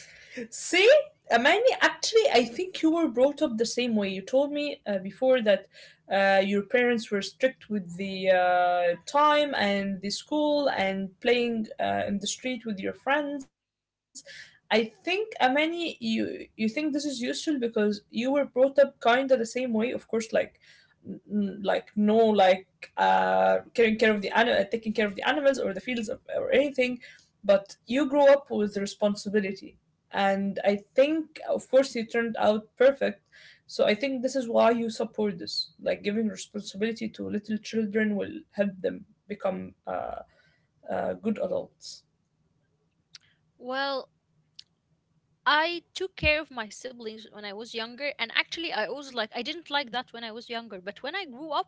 See, Amani, actually, I think you were brought up the same way. You told me before that your parents were strict with the time and the school and playing in the street with your friends. I think, Amani, you think this is useful because you were brought up kind of the same way. Of course, like like no, like caring care of the animal, taking care of the animals or the fields of, or anything, but you grow up with responsibility. And I think, of course, you turned out perfect. So I think this is why you support this, like giving responsibility to little children will help them become good adults.
Well, I took care of my siblings when I was younger, and actually, I was like, I didn't like that when I was younger, but when I grew up,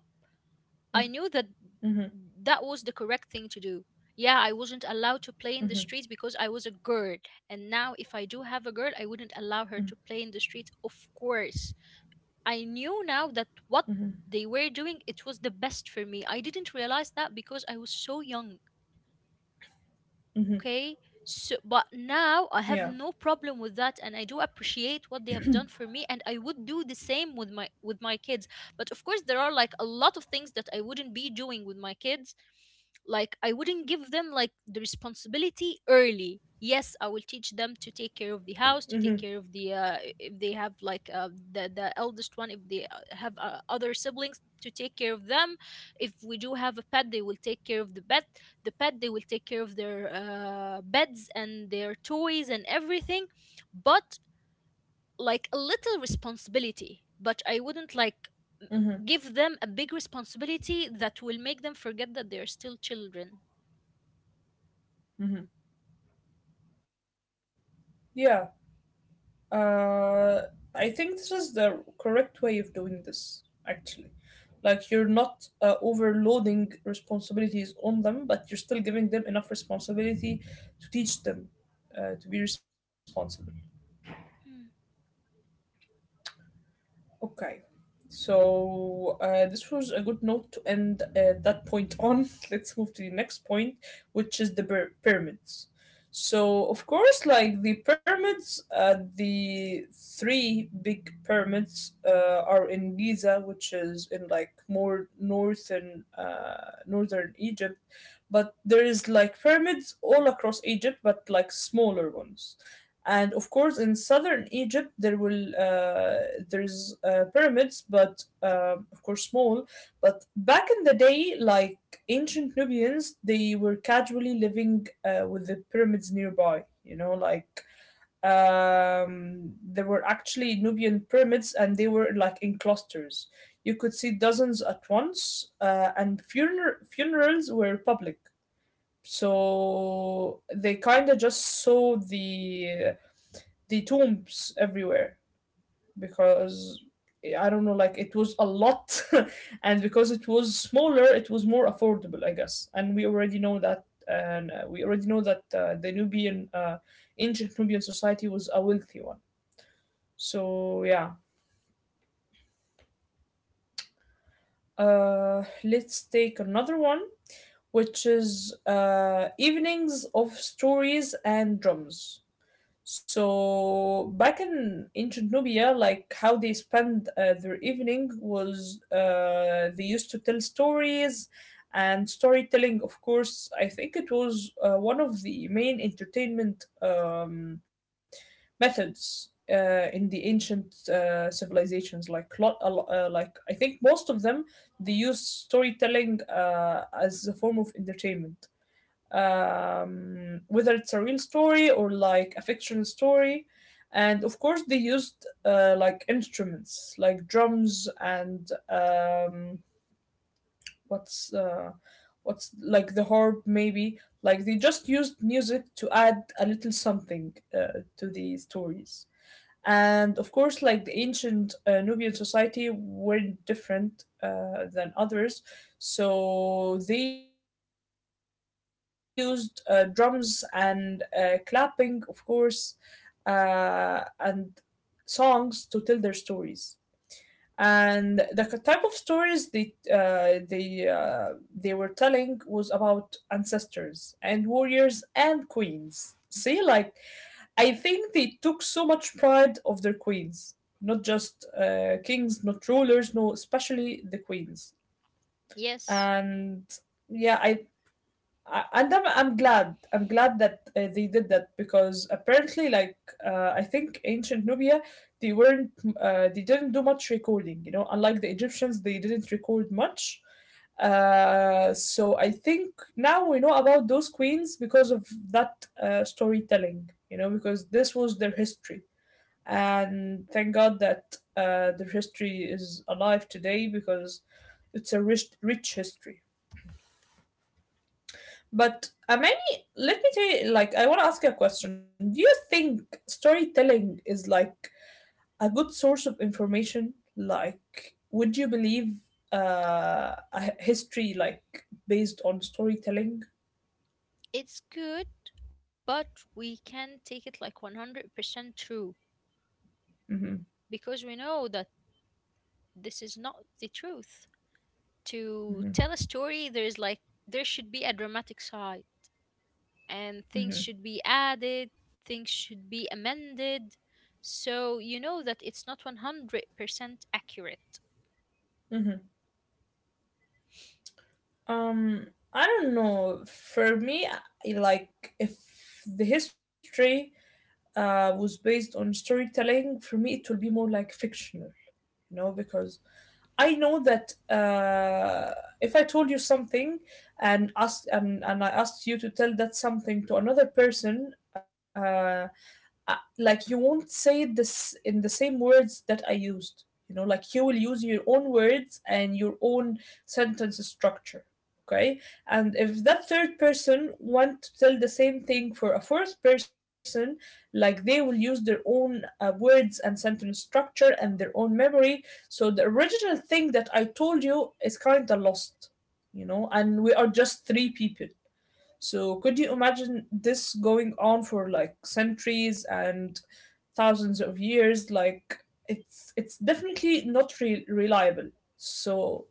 I knew that
Mm-hmm,
that was the correct thing to do. Yeah, I wasn't allowed to play in the
mm-hmm,
streets because I was a girl. And now, if I do have a girl, I
mm-hmm,
wouldn't allow her to play in the streets, of course. I knew now that what they were doing, it was the best for me. I didn't realize that because I was so young.
mm-hmm.
Okay, so but
Yeah.
now I have no problem with that, and I do appreciate what they have done for me, and I would do the same with my kids. But of course there are like a lot of things that I wouldn't be doing with my kids. Like I wouldn't give them like the responsibility early. Yes, I will teach them to take care
Mm-hmm,
of the house, to take care of the if they have like the eldest one, if they have other siblings, to take care of them. If we do have a pet they will take care of the pet. They will take care of their beds and their toys and everything. But like a little responsibility, but I wouldn't like
mm-hmm,
give them a big responsibility that will make them forget that they're still children.
mm-hmm. Yeah. Uh, I think this is the correct way of doing this, actually. Like, you're not overloading responsibilities on them, but you're still giving them enough responsibility to teach them to be responsible.
Hmm.
Okay. So this was a good note to end that point on. Let's move to the next point, which is the pyramids. So of course, like the pyramids, the three big pyramids are in Giza, which is in like more northern northern Egypt, but there is like pyramids all across Egypt, but like smaller ones. And of course, in southern Egypt there will there's pyramids, but of course small. But back in the day, like ancient Nubians, they were casually living with the pyramids nearby, you know. Like there were actually Nubian pyramids and they were like in clusters. You could see dozens at once, and funerals were public, so they kind of just saw the tombs everywhere. Because I don't know, like it was a lot, and because it was smaller, it was more affordable, I guess. And we already know that, and we already know that the Nubian, ancient Nubian society was a wealthy one. So yeah, let's take another one, which is evenings of stories and drums. So back in ancient Nubia, like how they spend their evening was they used to tell stories, and storytelling, of course, I think it was one of the main entertainment methods in the ancient civilizations. Like like I think most of them, they use storytelling as a form of entertainment, whether it's a real story or like a fictional story. And of course, they used like instruments like drums and what's uh, what's like the harp, maybe. Like they just used music to add a little something to the stories. And of course, like the ancient Nubian society were different than others. So they used drums and clapping, of course, and songs to tell their stories. And the type of stories they were telling was about ancestors and warriors and queens. See, like I think they took so much pride of their queens, not just kings, not rulers, no, especially the queens.
Yes,
And yeah, I'm glad I'm glad that they did that, because apparently, like I think ancient Nubia, they weren't they didn't do much recording, you know, unlike the Egyptians. They didn't record much, so I think now we know about those queens because of that storytelling, you know, because this was their history. And thank God that their history is alive today, because it's a rich history. But Amani, let me tell you, like, I want to ask you a question. Do you think storytelling is like a good source of information? Like, would you believe a history like based on storytelling?
it's good, but we can take it like 100% true,
Mm-hmm,
because we know that this is not the truth. To
mm-hmm,
tell a story there is like there should be a dramatic side and things
mm-hmm,
should be added, things should be amended. So you know that it's not 100% accurate.
mm-hmm. Um, I don't know. For me, like, if the history was based on storytelling, for me, it will be more like fictional, you know, because I know that if I told you something and and I asked you to tell that something to another person, like, you won't say this in the same words that I used. You know, like you will use your own words and your own sentence structure. Okay, and if that third person want to tell the same thing for a fourth person, like they will use their own words and sentence structure and their own memory. So the original thing that I told you is kind of lost, you know, and we are just three people. So, could you imagine this going on for like centuries and thousands of years? Like, it's definitely not reliable. So,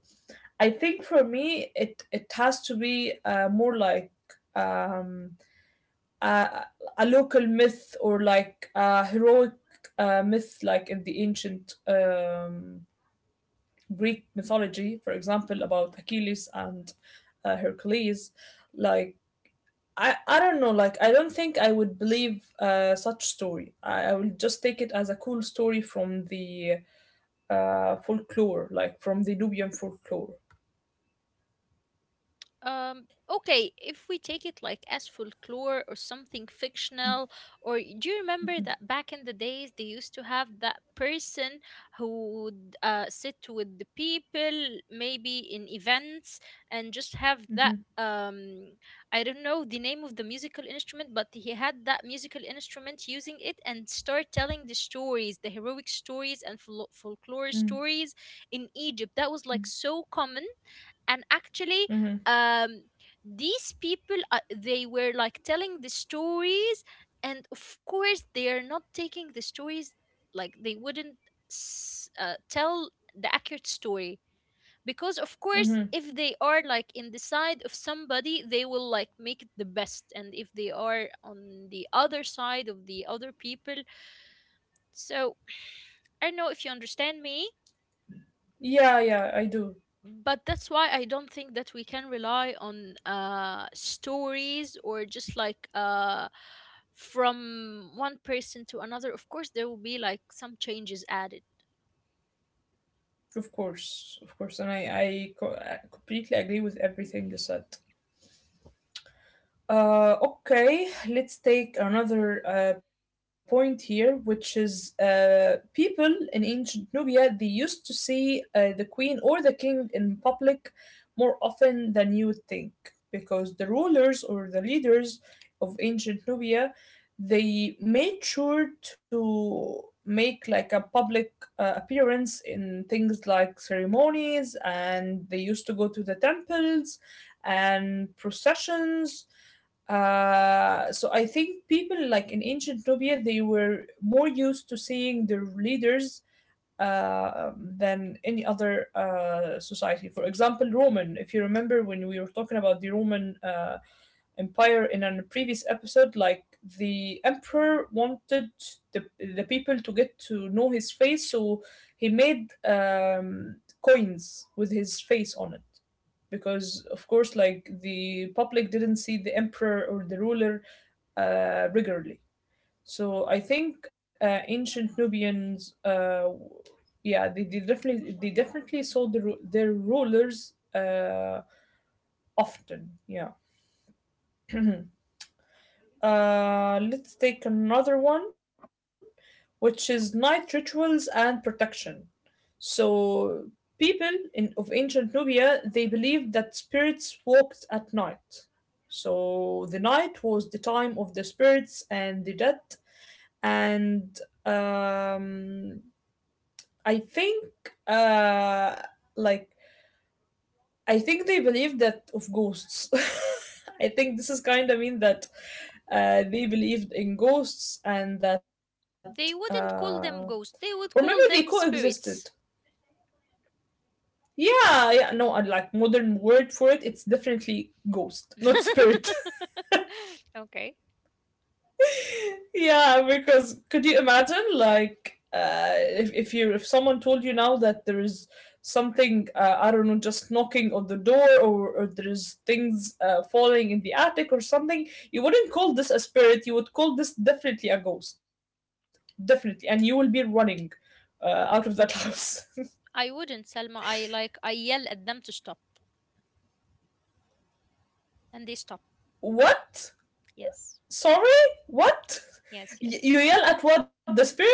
I think for me, it has to be more like um, a, a local myth or like a heroic myth, like in the ancient Greek mythology, for example, about Achilles and Hercules. Like I don't know, like I don't think I would believe such story. I will just take it as a cool story from the folklore, like from the Nubian folklore.
Okay, if we take it like as folklore or something fictional, or do you remember that back in the days they used to have that person who would sit with the people, maybe in events, and just have
Mm-hmm,
that. I don't know the name of the musical instrument, but he had that musical instrument using it and start telling the stories, the heroic stories and folklore
mm-hmm,
stories in Egypt. That was like so common, and actually,
mm-hmm.
um these people they were like telling the stories, and of course they are not taking the stories, like they wouldn't tell the accurate story, because of course
Mm-hmm.
if they are like in the side of somebody they will like make it the best, and if they are on the other side of the other people, so I don't know if you understand me.
Yeah, yeah, I do.
But that's why I don't think that we can rely on stories or just like from one person to another. Of course, there will be like some changes added.
Of course, of course, and I completely agree with everything you said. Okay, let's take another point here, which is people in ancient Nubia, they used to see the queen or the king in public more often than you would think, because the rulers or the leaders of ancient Nubia, they made sure to make like a public appearance in things like ceremonies, and they used to go to the temples and processions. Uh, so I think people like in ancient Nubia, they were more used to seeing their leaders than any other society. For example, Roman. If you remember when we were talking about the Roman empire in a previous episode, like the emperor wanted the people to get to know his face, so he made coins with his face on it, because of course, like the public didn't see the emperor or the ruler regularly. So I think ancient Nubians, yeah, they definitely saw their rulers often, yeah. Let's take another one, which is night rituals and protection. So, people in of ancient Nubia, they believed that spirits walked at night. So the night was the time of the spirits and the dead, and um, I think uh, like I think they believe that of ghosts. I think this is kind of mean that they believed in ghosts and that,
They
uh,
wouldn't call them
or maybe
ghosts, they
they
would call them
coexisted.
spirits.
Yeah, yeah, no, and like modern word for it, it's definitely ghost, not spirit.
Okay.
Yeah, because could you imagine, like if you if someone told you now that there is something, I don't know, just knocking on the door, or there is things falling in the attic or something, you wouldn't call this a spirit. You would call this definitely a ghost, definitely, and you will be running out of that house.
I wouldn't, Selma. I yell at them to stop, and they stop.
What?
Yes,
Sorry? What?
yes, yes,
You yell at what? The spirit?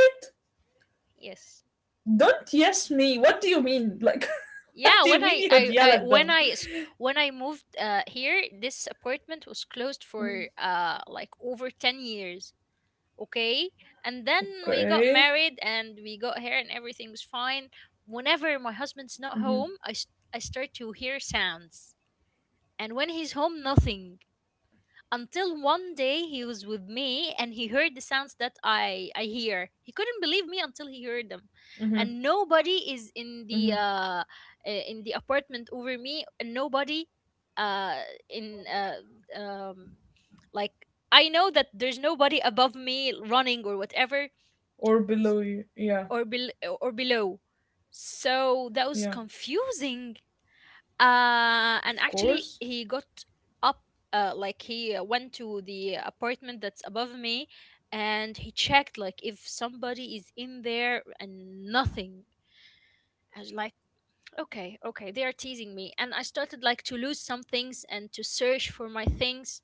yes.
Don't yes me. What do you mean? Like, what do
Yeah,
you
when
mean you
I,
would
I,
yell at
I
them?
when I s- when I moved here, this apartment was closed for like over 10 years. Okay, and then we got
Okay.
married and we got here and everything was fine. Whenever my husband's not
Mm-hmm.
home, I start to hear sounds, and when he's home, nothing, until one day he was with me and he heard the sounds that I hear. He couldn't believe me until he heard them.
Mm-hmm.
And nobody is
Mm-hmm.
in the in the apartment over me, and nobody uh in um like I know that there's nobody above me running or whatever.
Or below you. Yeah.
Or below. So that
Yeah.
was confusing.
Of
And
course.
actually he got up, like he went to the apartment that's above me, and he checked like if somebody is in there, and nothing. I was like, okay, okay, they are teasing me. And I started like to lose some things and to search for my things.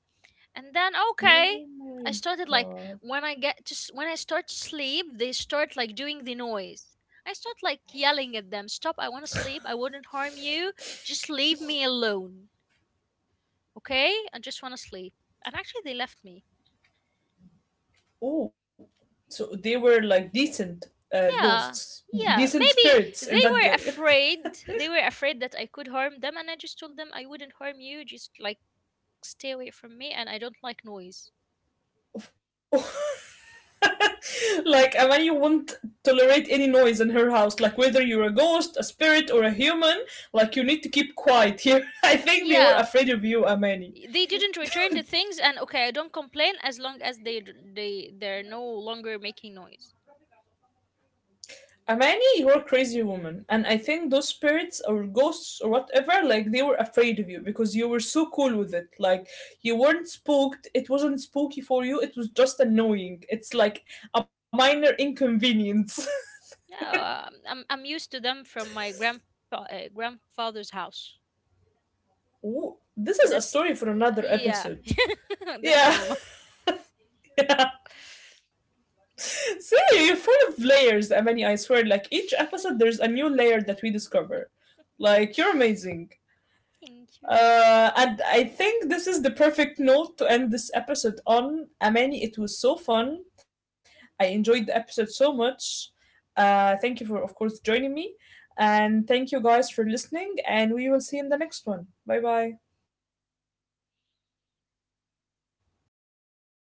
And then okay, I
Oh
started
my
like when
god.
I get to s- when I start to sleep, they start like doing the noise. I start like yelling at them, "Stop, I want to sleep. I wouldn't harm you. Just leave me alone." Okay? I just want to sleep. And actually they left me.
Oh. So they were like decent
Yeah.
ghosts,
Yeah,
decent
maybe they
spirits in
were
that guy.
afraid. They were afraid that I could harm them, and I just told them I wouldn't harm you. Just like stay away from me and I don't like noise.
Like Amani won't tolerate any noise in her house. Like whether you're a ghost, a spirit, or a human, like you need to keep quiet here. I think they were
Yeah,
afraid of you, Amani.
they didn't return the things and okay, I don't complain as long as they they're no longer making noise.
Amani, you are a crazy woman. And I think those spirits or ghosts or whatever, like they were afraid of you because you were so cool with it. Like you weren't spooked. It wasn't spooky for you. It was just annoying. It's like a minor inconvenience.
Yeah, I'm used to them from my grandpa grandfather's house.
Ooh, this is a
That's
story for another
yeah,
episode.
that's
Yeah.
normal.
Yeah. See, you're full of layers, Amani, I swear. Like each episode, there's a new layer that we discover. Like you're amazing.
Thank you.
And I think this is the perfect note to end this episode on. Amani, it was so fun. I enjoyed the episode so much. Thank you for, of course, joining me. And thank you guys for listening. And we will see you in the next one. Bye bye. انتي بتهزري صح؟